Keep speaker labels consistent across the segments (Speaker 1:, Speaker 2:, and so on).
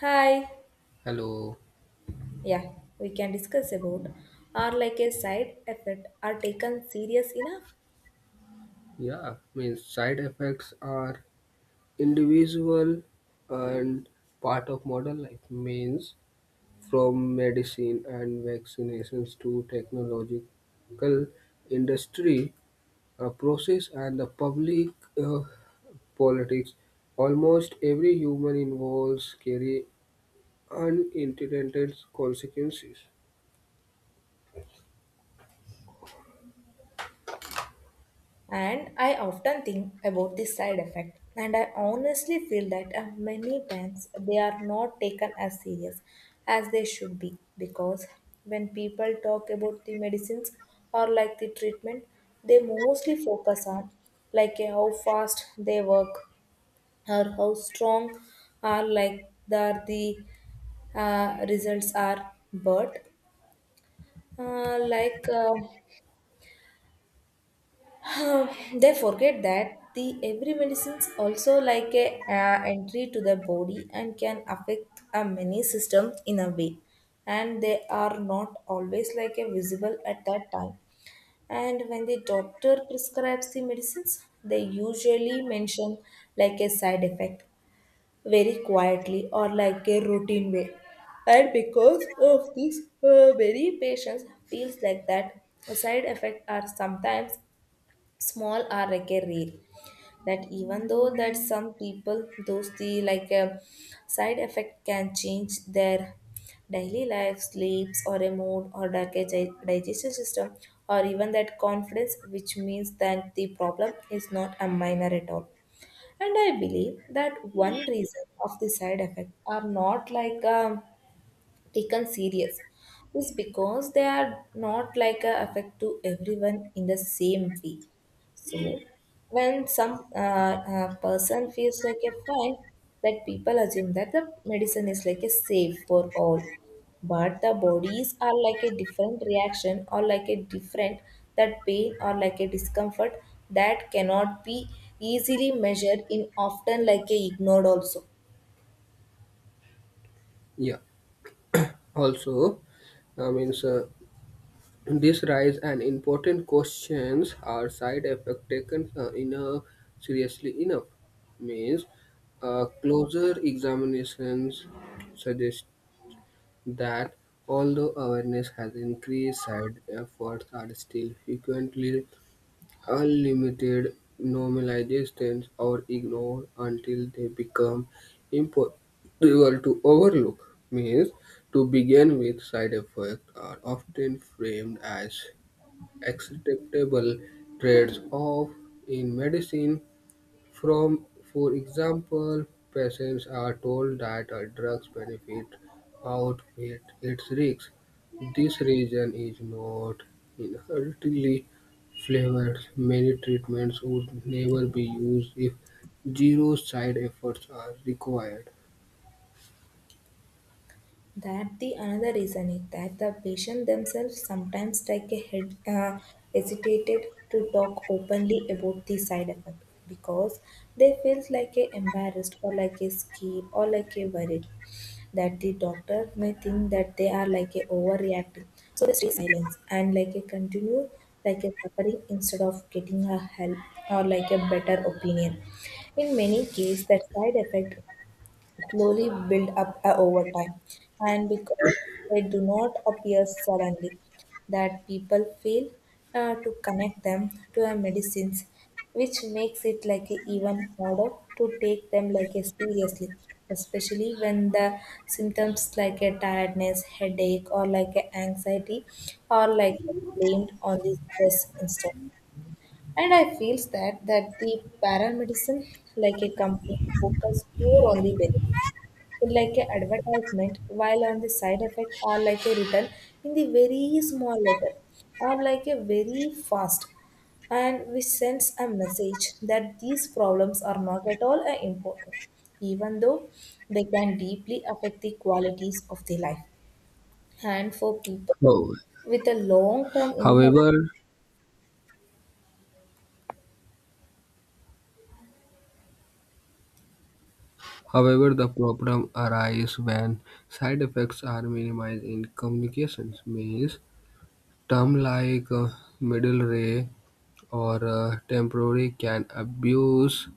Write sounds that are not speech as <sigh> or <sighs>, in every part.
Speaker 1: Hi.
Speaker 2: Hello.
Speaker 1: Yeah, we can discuss about are like a side effect are taken serious enough.
Speaker 2: Yeah, means side effects are individual and part of modern life. Means from medicine and vaccinations to technological industry, process and the public uh, politics. Almost every human involves carry unintended consequences.
Speaker 1: And I often think about this side effect, and I honestly feel that many times they are not taken as serious as they should be, because when people talk about the medicines or like the treatment, they mostly focus on like how fast they work or how strong are, like that the results are, but uh, like uh, <sighs> they forget that the every medicines also like a entry to the body and can affect a many system in a way, and they are not always like a visible at that time. And when the doctor prescribes the medicines, they usually mention like a side effect very quietly or like a routine way. And because of this, many patients feels like that side effects are sometimes small or like a rare. That even though that some people those the like a side effect can change their daily life, sleeps or a mood or like a digestion system or even that confidence, which means that the problem is not a minor at all. And I believe that one reason of the side effect are not like taken serious is because they are not like a affect to everyone in the same way. So when some person feels like a fine, that people assume that the medicine is like a safe for all. But the bodies are like a different reaction or like a different, that pain or like a discomfort that cannot be easily measured in often like a ignored also.
Speaker 2: Yeah. Also, I mean, sir, this raises an important questions: Are side effects taken in a seriously enough? Means, closer examinations suggest that although awareness has increased, side effects are still frequently unlimited, normalizations or ignored until they become impossible to overlook. Means, to begin with, side effects are often framed as acceptable trades off in medicine. From, for example, patients are told that a drug's benefit outweigh its risks. This reason is not inherently flavored. Many treatments would never be used if zero side effects are required.
Speaker 1: That the another reason is that the patient themselves sometimes take a head hesitated to talk openly about the side effect, because they feel like a embarrassed or like a scared or like a worried that the doctor may think that they are like a overreacting, so they stay silence and like a continue like a suffering instead of getting a help or like a better opinion. In many cases that side effect slowly build up over time, and because they do not appear suddenly, that people fail to connect them to a medicines, which makes it like a even harder to take them like a seriously, especially when the symptoms like a tiredness, headache or like a anxiety are like blamed on the stress instead. And I feels that that the paramedicine like a company focus more on the benefits like a advertisement, while on the side effects are like a written in the very small letter or like a very fast, and which sends a message that these problems are not at all important, even though they can deeply affect the qualities of the life, and for people with a long term illness.
Speaker 2: However, However, the problem arises when side effects are minimized in communications, means terms like middle ray or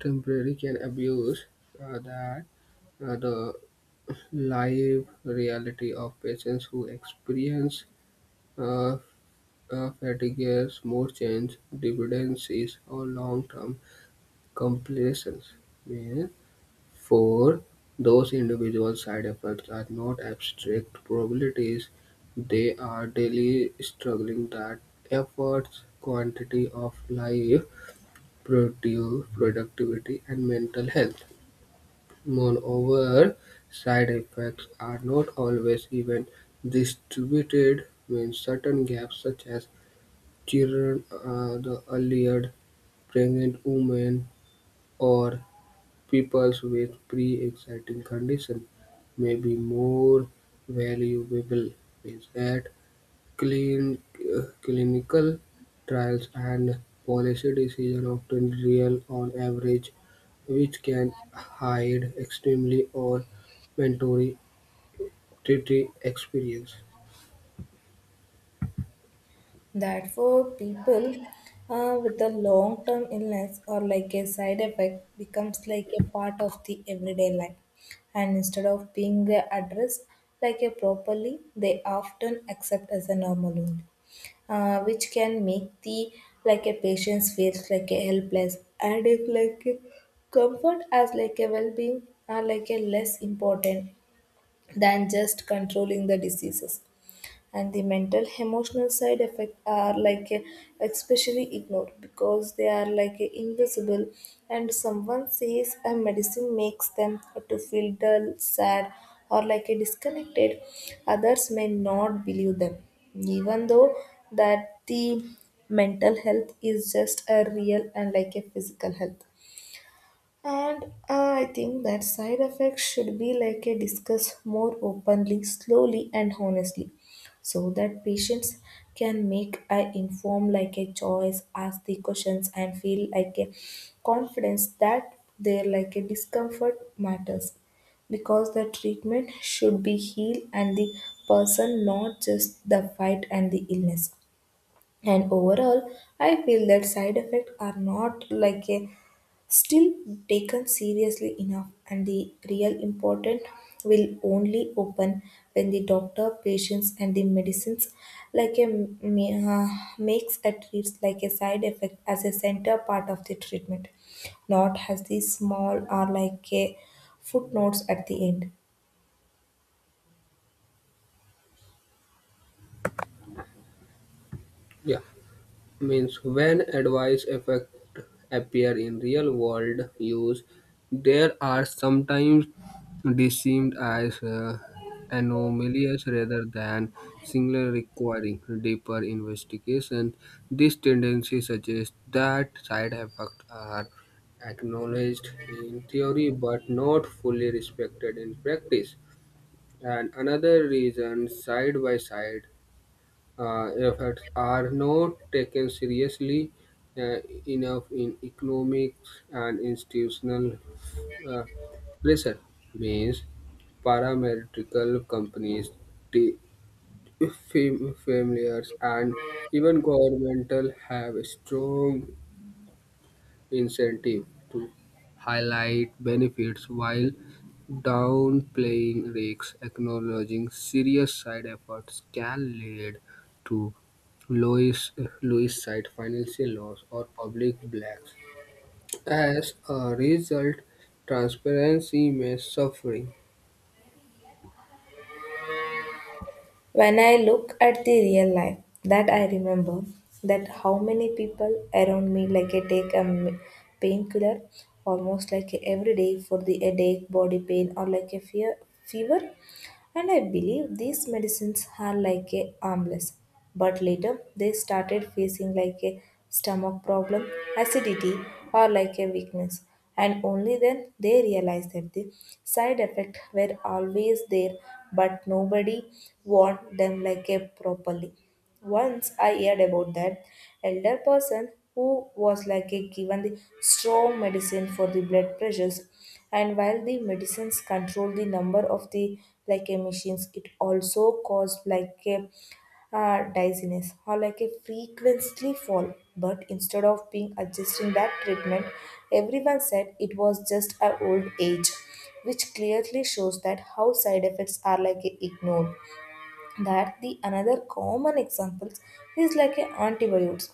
Speaker 2: temporary can abuse that the live reality of patients who experience uh, fatigue, more change, dependencies, or long-term complications. Means for those individual side effects are not abstract probabilities, they are daily struggling that affects quantity of life, produce, productivity, and mental health. Moreover, side effects are not always even distributed when certain gaps such as children, the earlier pregnant women, or people with pre-existing condition may be more valuable is at clin- clinical trials and policy decisions often real on average, which can hide extremely or mandatory treaty experience.
Speaker 1: That for people with a long term illness or like a side effect becomes like a part of the everyday life, and instead of being addressed like a properly, they often accept as a normal only, which can make the like a patients feels like a helpless, and if like a comfort as like a well-being are like a less important than just controlling the diseases. And the mental emotional side effect are like especially ignored because they are like invisible, and someone says a medicine makes them to feel dull, sad or like a disconnected, others may not believe them, even though that the mental health is just a real and like a physical health. And I think that side effects should be like a discuss more openly, slowly and honestly, so that patients can make a inform like a choice, ask the questions and feel like a confidence that their like a discomfort matters, because the treatment should be heal and the person, not just the fight and the illness. And overall, I feel that side effects are not like a still taken seriously enough, and the real important will only open when the doctor, patients and the medicines like a ma- uh, makes a treats like a side effect as a center part of the treatment, not has the small or like a footnotes at the end.
Speaker 2: Yeah. Means when adverse effects appear in real world use, they are sometimes deemed as anomalies rather than singular requiring deeper investigation. This tendency suggests that side effects are acknowledged in theory but not fully respected in practice. And another reason side by side efforts are not taken seriously uh, enough in economic and institutional uh, pressure means paramedical companies, the familiars, and even governmental have a strong incentive to highlight benefits while downplaying risks. Acknowledging serious side effects can lead to Louis Louis cite financial laws or public blacks. As a result, transparency may suffering.
Speaker 1: When I look at the real life, that I remember that how many people around me like I take a painkiller almost like every day for the headache, body pain or like a fear fever, and I believe these medicines are like a harmless. But later they started facing like a stomach problem, acidity, or like a weakness. And only then they realized that the side effects were always there, but nobody warned them like a properly. Once I heard about that elder person who was like a given the strong medicine for the blood pressures, and while the medicines control the number of the like emissions, it also cause like a dizziness or like a frequency fall, but instead of being adjusting that treatment, everyone said it was just a old age, which clearly shows that how side effects are like ignored. That the another common examples is like a antibiotics,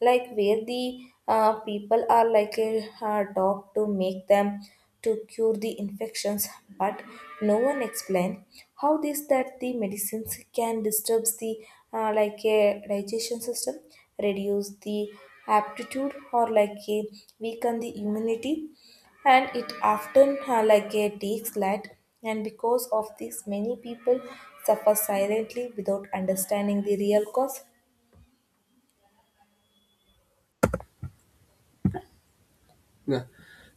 Speaker 1: like where the people are like a dog to make them to cure the infections, but no one explain how this that the medicines can disturbs the like a digestion system, reduce the aptitude or like a weaken the immunity, and it often like a takes light, and because of this, many people suffer silently without understanding the real cause.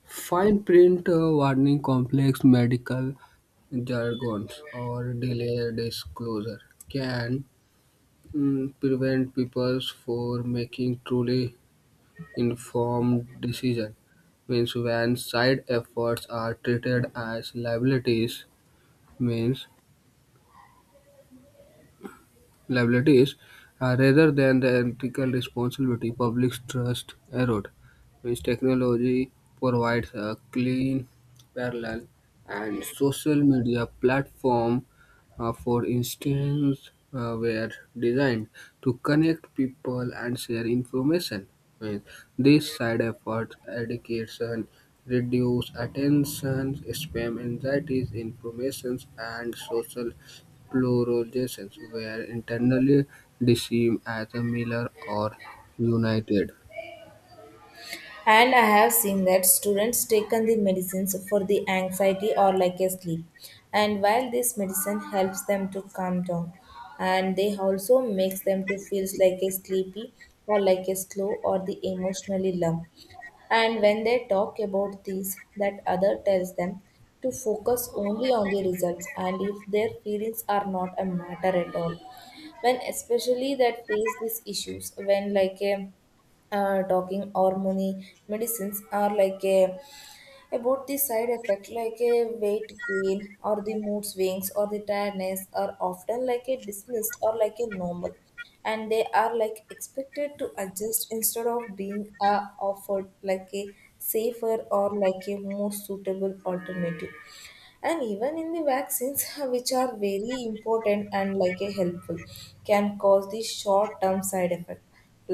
Speaker 2: Fine print warning complex medical jargons or delay disclosure can prevent people from making truly informed decisions. Means when side efforts are treated as liabilities means liabilities rather than the ethical responsibility public trust erode. Means technology provides a clean parallel and social media platform for instance were designed to connect people and share information well, these side effects education, reduce attention spam, anxieties, informations, and social polarizations, where internally deceive as a miller or united.
Speaker 1: And I have seen that students taken the medicines for the anxiety or like a sleep. And while this medicine helps them to calm down, and they also makes them to feel like a sleepy or like a slow or the emotionally numb. And when they talk about these, that other tells them to focus only on the results, and if their feelings are not a matter at all. When especially that face these issues when like a talking hormone medicines are like a about the side effect like a weight gain or the mood swings or the tiredness are often like a dismissed or like a normal, and they are like expected to adjust instead of being offered like a safer or like a more suitable alternative. And even in the vaccines <laughs> which are very important and like a helpful, can cause the short term side effect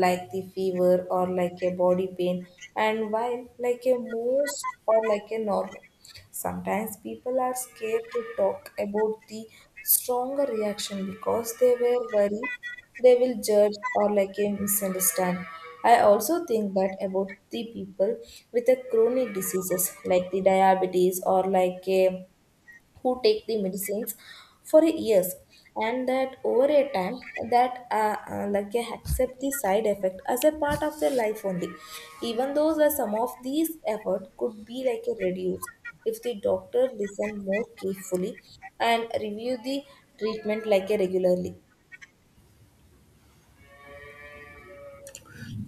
Speaker 1: like the fever or like a body pain, and while like a most or like a normal, sometimes people are scared to talk about the stronger reaction because they were worried they will judge or like a misunderstand. I also think that about the people with a chronic diseases like the diabetes or like a, who take the medicines for years, and that over a time, that accept the side effect as a part of their life only, even though the some of these effort could be like a reduced if the doctor listen more carefully and review the treatment like a regularly.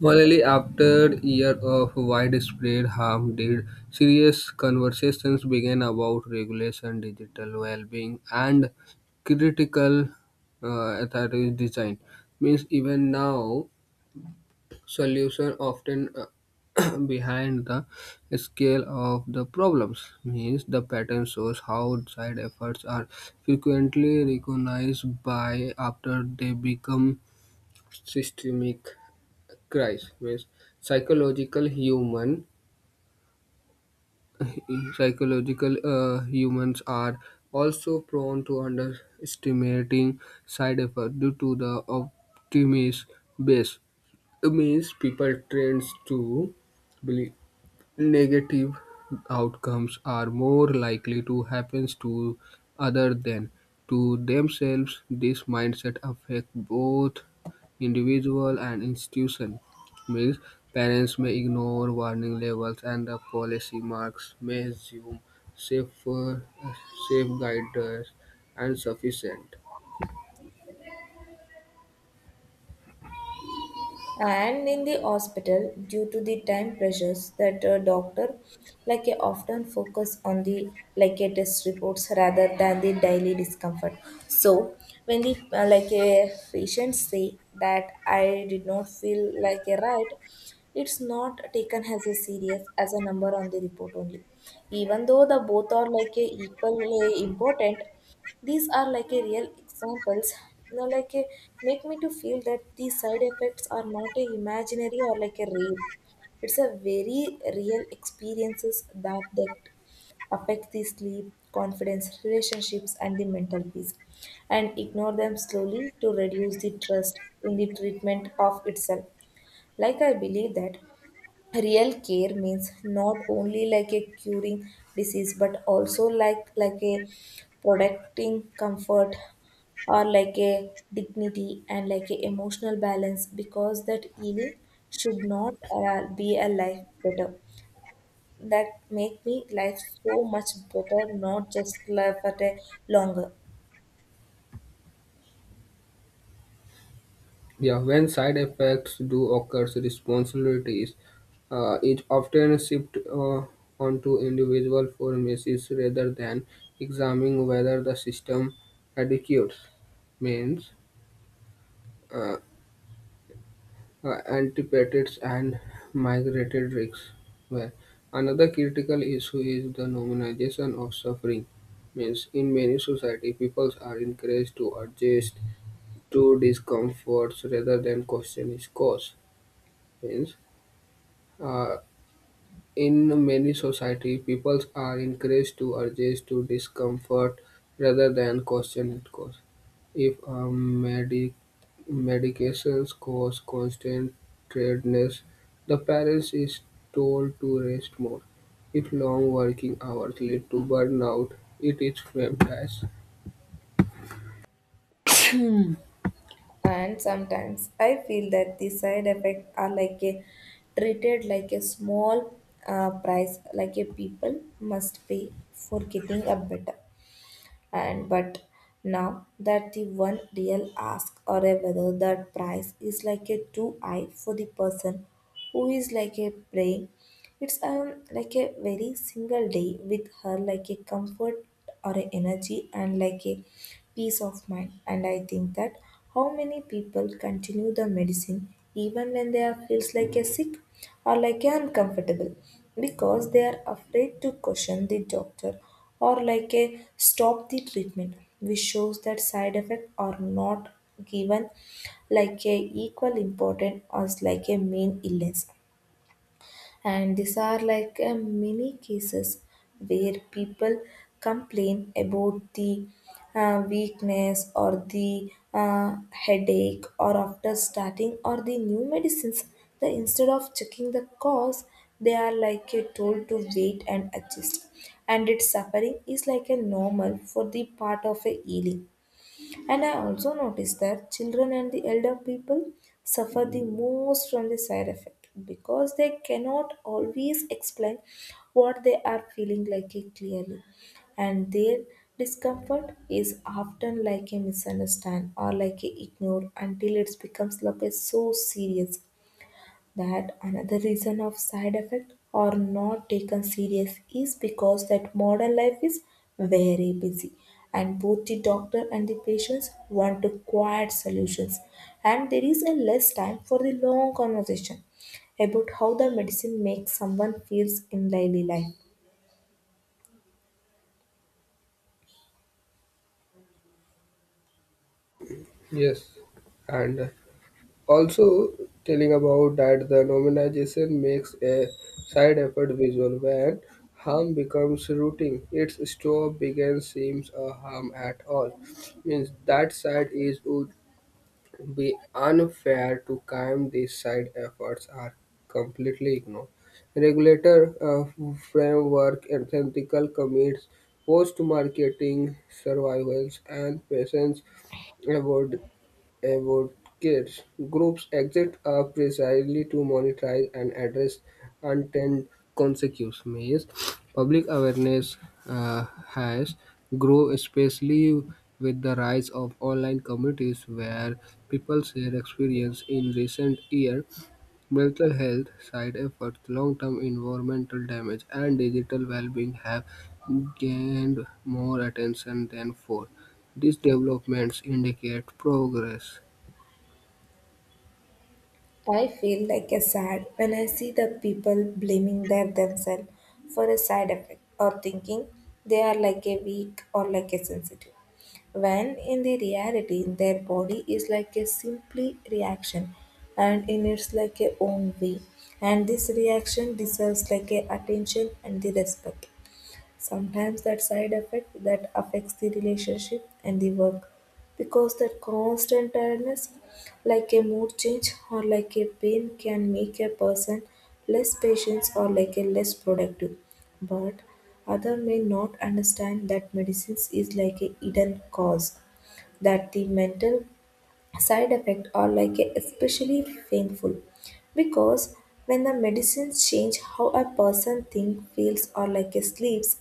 Speaker 2: Finally, after year of widespread harm, did serious conversations began about regulation, digital well-being, and critical authority design. Means even now solution often <clears throat> behind the scale of the problems means the pattern shows how side efforts are frequently recognized by after they become systemic crisis means psychological human <clears throat> <laughs> psychological humans are also prone to underestimating side effects due to the optimist base it means people tends to believe negative outcomes are more likely to happen to other than to themselves. This mindset affects both individual and institution. Means parents may ignore warning levels and the policy marks may assume safer safe guidance and sufficient.
Speaker 1: And in the hospital, due to the time pressures, that a doctor like a often focus on the like a test reports rather than the daily discomfort. So when the like a patient say that I did not feel like a right, it's not taken as a serious as a number on the report only, even though the both are like a equally important. These are like a real examples now like a, make me to feel that these side effects are not a imaginary or like a real, it's a very real experiences that that affect the sleep, confidence, relationships and the mental peace, and ignore them slowly to reduce the trust in the treatment of itself. Like I believe that real care means not only like a curing disease, but also like a protecting comfort or like a dignity and like a emotional balance, because that healing should not be a life better, that make me life so much better, not just life at a longer.
Speaker 2: Yeah, when side effects do occur, responsibilities is often shifted onto individual pharmacies rather than examining whether the system adequates means uh, antipatics and migrated risks. Well, another critical issue is the normalization of suffering. Means in many society, people are encouraged to adjust to discomforts rather than question its cause. Means Uh, in many societies, people are encouraged to adjust to discomfort rather than question its cause. If a medications cause constant tiredness, the parents is told to rest more. If long working hours lead to burnout, it is framed as
Speaker 1: And sometimes I feel that the side effects are like a treated like a small price, like a people must pay for getting a better, and but now that the one real ask or a whether that price is like a two eye for the person who is like a prey, it's like a very single day with her like a comfort or a energy and like a peace of mind. And I think that how many people continue the medicine even when they are feels like a sick or like a uncomfortable, because they are afraid to question the doctor or like a stop the treatment, which shows that side effects are not given like a equal important as like a main illness. And these are like a mini cases where people complain about the weakness or the headache or after starting or the new medicines the instead of checking the cause they are like a told to wait and adjust and its suffering is like a normal for the part of a healing. And I also noticed that children and the elder people suffer the most from the side effect because they cannot always explain what they are feeling like it clearly. And their discomfort is often like a misunderstand or like a ignore until it becomes like a so serious that another reason of side effect are not taken serious is because that modern life is very busy, and both the doctor and the patients want to quiet solutions, and there is a less time for the long conversation about how the medicine makes someone feels in daily life.
Speaker 2: yes, and also telling about that the nominalization makes a side effect visual when harm becomes routine its stop begin seems a harm at all means that side is would be unfair to crime these side efforts are completely ignored regulator framework and ethical commits post marketing surveillance and patients advocates groups exist are precisely to monetize and address unintended consequences. Public awareness has grown, especially with the rise of online communities where people share experience in recent years, mental health side effects, long-term environmental damage, and digital well-being have gained more attention than before. These developments indicate progress.
Speaker 1: I feel like a sad when I see the people blaming their themselves for a side effect or thinking they are like a weak or like a sensitive. When in the reality their body is like a simply reaction and in its like a own way, and this reaction deserves like a attention and the respect. Sometimes that side effect that affects the relationship and the work because that constant tiredness, like a mood change or like a pain, can make a person less patient or like a less productive. But other may not understand that medicines is like a hidden cause that the mental side effects are like a especially painful because when the medicines change how a person think feels or like a sleeps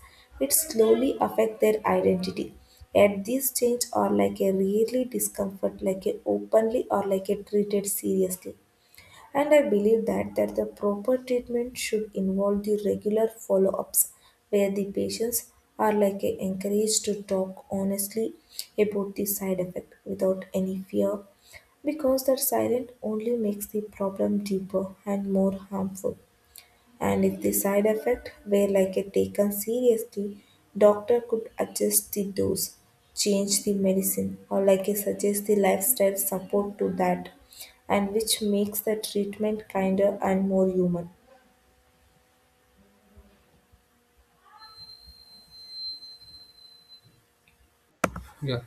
Speaker 1: it slowly affect their identity yet these change are like a really discomfort like a openly or like a treated seriously. And I believe that the proper treatment should involve the regular follow ups where the patients are encouraged to talk honestly about the side effect without any fear because that silence only makes the problem deeper and more harmful. And if the side effect were like a taken seriously, doctor could adjust the dose, change the medicine or like a suggest the lifestyle support to that, and which makes the treatment kinder and more human.
Speaker 2: Yeah,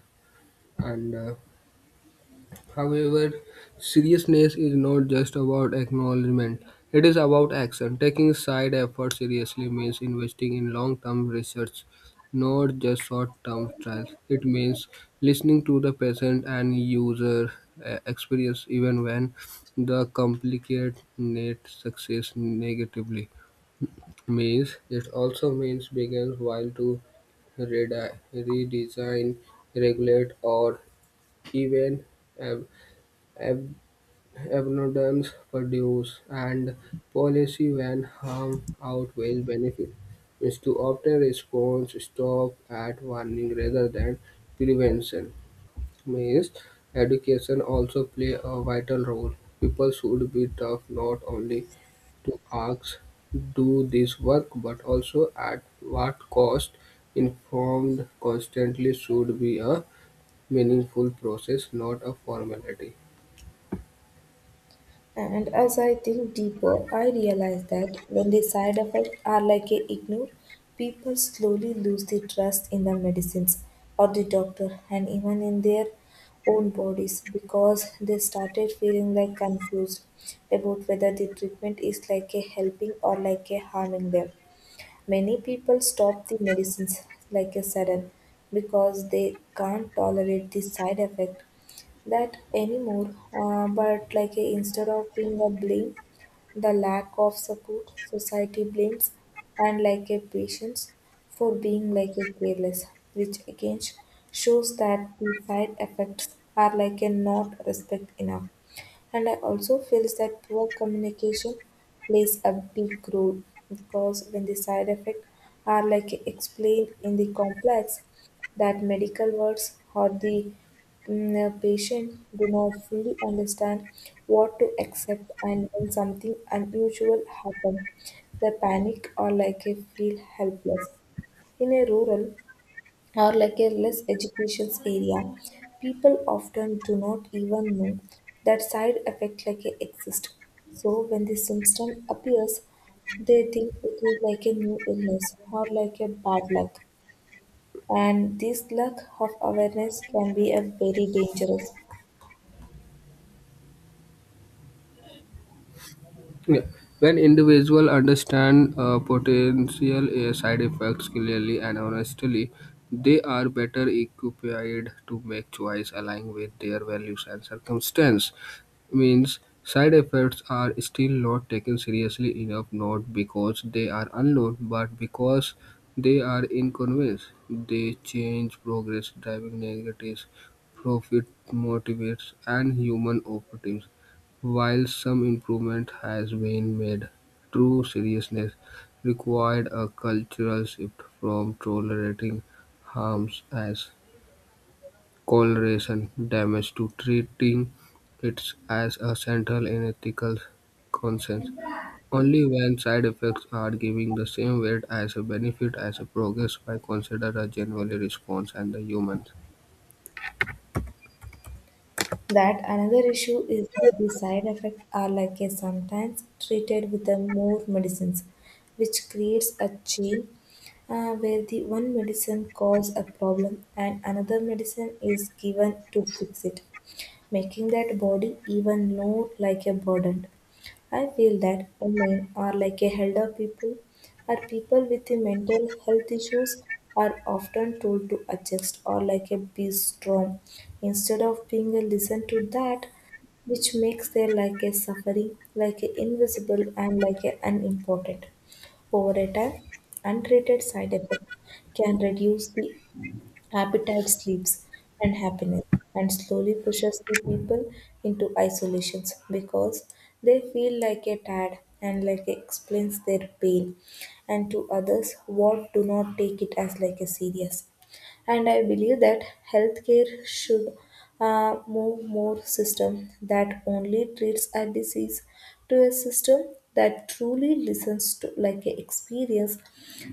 Speaker 2: and however, seriousness is not just about acknowledgement, it is about action. Taking side effort seriously means investing in long term research, not just short term trials. It means listening to the patient and user experience even when the complicate net success negatively means it also means begins while to redesign, regulate, or even ab- ab- abundance produce and policy when harm outweighs benefit. Is to often response stop at warning rather than prevention. Means education also play a vital role. People should be tough not only to ask do this work but also at what cost informed constantly should be a meaningful process not a formality.
Speaker 1: And as I think deeper, I realize that when the side effects are like a ignore, people slowly lose the trust in the medicines or the doctor and even in their own bodies because they started feeling like confused about whether the treatment is like a helping or like a harming them. Many people stop the medicines like a sudden because they can't tolerate the side effect that anymore. But like a, instead of being a blame, the lack of support society blames and like a patients for being like a careless, which again shows that the side effects are like a not respect enough. And I also feels that poor communication plays a big role because when the side effects are like explained in the complex that medical words or the patients do not fully understand what to accept, and when something unusual happens, they panic or like a feel helpless. In a rural or like a less education area, people often do not even know that side effect like a exist. So when the symptom appears, they think it is like a new illness or like a bad luck. And this lack of awareness can be a very dangerous.
Speaker 2: Yeah. When individuals understand potential side effects clearly and honestly, they are better equipped to make choice aligned with their values and circumstance means side effects are still not taken seriously enough not because they are unknown but because they are inconvenience they change progress driving negatives profit motivates and human operatives while some improvement has been made true seriousness required a cultural shift from tolerating harms as collateral damage to treating it as a central and ethical concern, only when side effects are giving the same weight as a benefit as a progress by consider a general response and the humans.
Speaker 1: That another issue is that the side effects are like a sometimes treated with a more medicines, which creates a chain where the one medicine causes a problem and another medicine is given to fix it, making that body even more like a burden. I feel that women are like a elder people or people with the mental health issues are often told to adjust or like a be strong instead of being a listen to that, which makes their like a suffering like a invisible and like a unimportant. Over a time untreated side effects can reduce the Appetite sleeps and happiness, and slowly pushes the people into isolations because they feel like a tad and like explains their pain and to others what do not take it as like a serious. And I believe that healthcare should move more system that only treats a disease to a system that truly listens to like a experience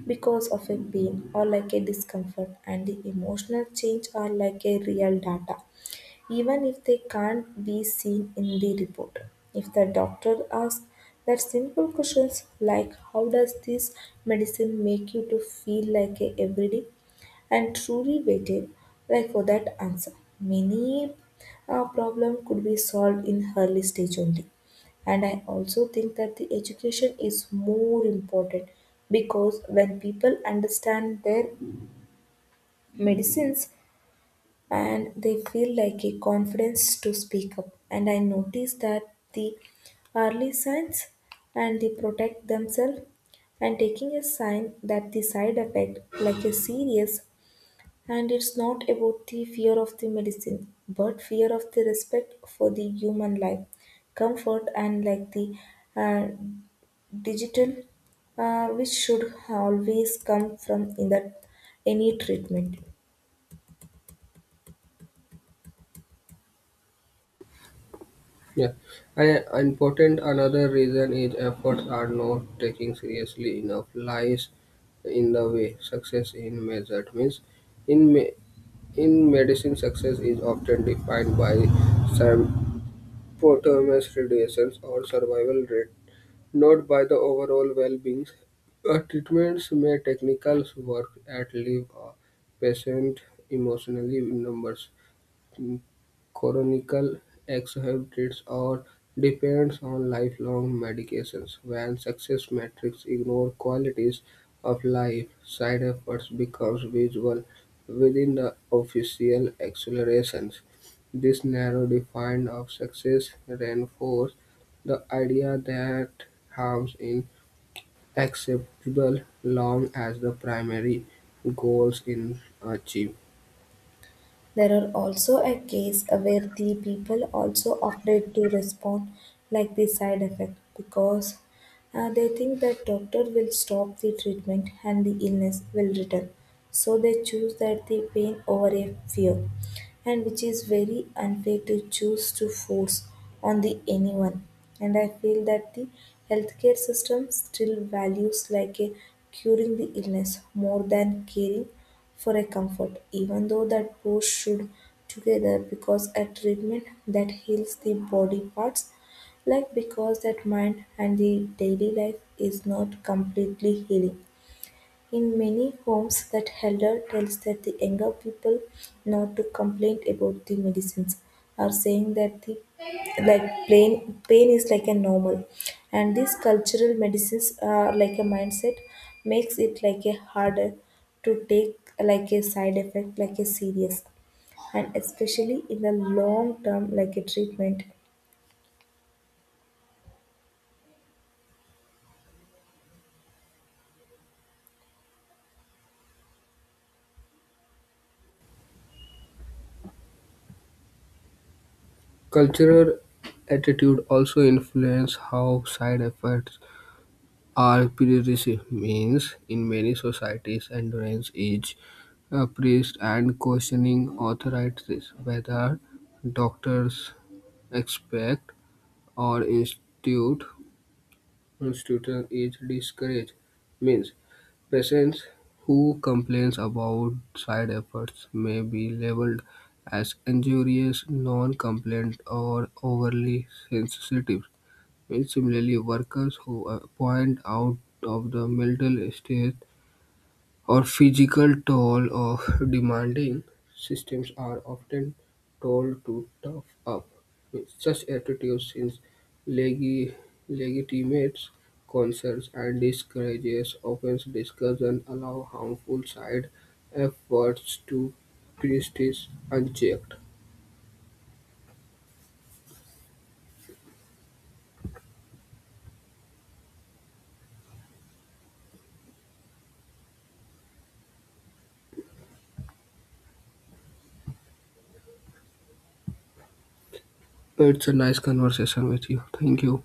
Speaker 1: because of a pain or like a discomfort and the emotional change are like a real data even if they can't be seen in the report. If the doctor asks that simple questions like how does this medicine make you to feel like a everyday, and truly waited like for that answer. Many problem could be solved in early stage only. And I also think that the education is more important because when people understand their medicines and they feel like a confidence to speak up. And I notice that the early signs and they protect themselves and taking a sign that the side effect like a serious. And it's not about the fear of the medicine, but fear of the respect for the human life, comfort, and like the uh, digital, which should always come from in that any treatment.
Speaker 2: Yeah, and important another reason is efforts are not taken seriously enough. Lies in the way success in measured means in me- in medicine success is often defined by performance reduces or survival rate, not by the overall well-being. A treatment may technicals work at leave a patient emotionally numbers. Chronic exacerbations or depends on lifelong medications; when success metrics ignore qualities of life, side effects becomes visible within the official accelerations. This narrow definition of success reinforces the idea that harms in acceptable long as the primary goals in achieved.
Speaker 1: There are also a case where the people also afraid to respond like the side effect because they think that doctor will stop the treatment and the illness will return. So they choose that the pain over a fear and which is very unfair to choose to force on the anyone. And I feel that the healthcare system still values like a curing the illness more than caring for a comfort, even though that both should together because a treatment that heals the body parts like because that mind and the daily life is not completely healing. In many homes that elder tells that the younger people not to complain about the medicines or saying that the like pain is like a normal, and these cultural medicines are like a mindset makes it like a harder to take like a side effect like a serious, and especially in the long term like a treatment
Speaker 2: Cultural attitude also influence how side effects are perceived. Means in many societies, endurance is praised and questioning authorities, whether doctors expect or institute institution is discouraged. Means patients who complains about side effects may be labeled as injurious, non-compliant, or overly sensitive. Very similarly, workers who are point out of the mental state or physical toll of demanding systems are often told to tough up. Such attitudes since legi- legitimates concerns and discourages open discussion allow harmful side efforts to persist unchecked. Well, it's a nice conversation with you. Thank you.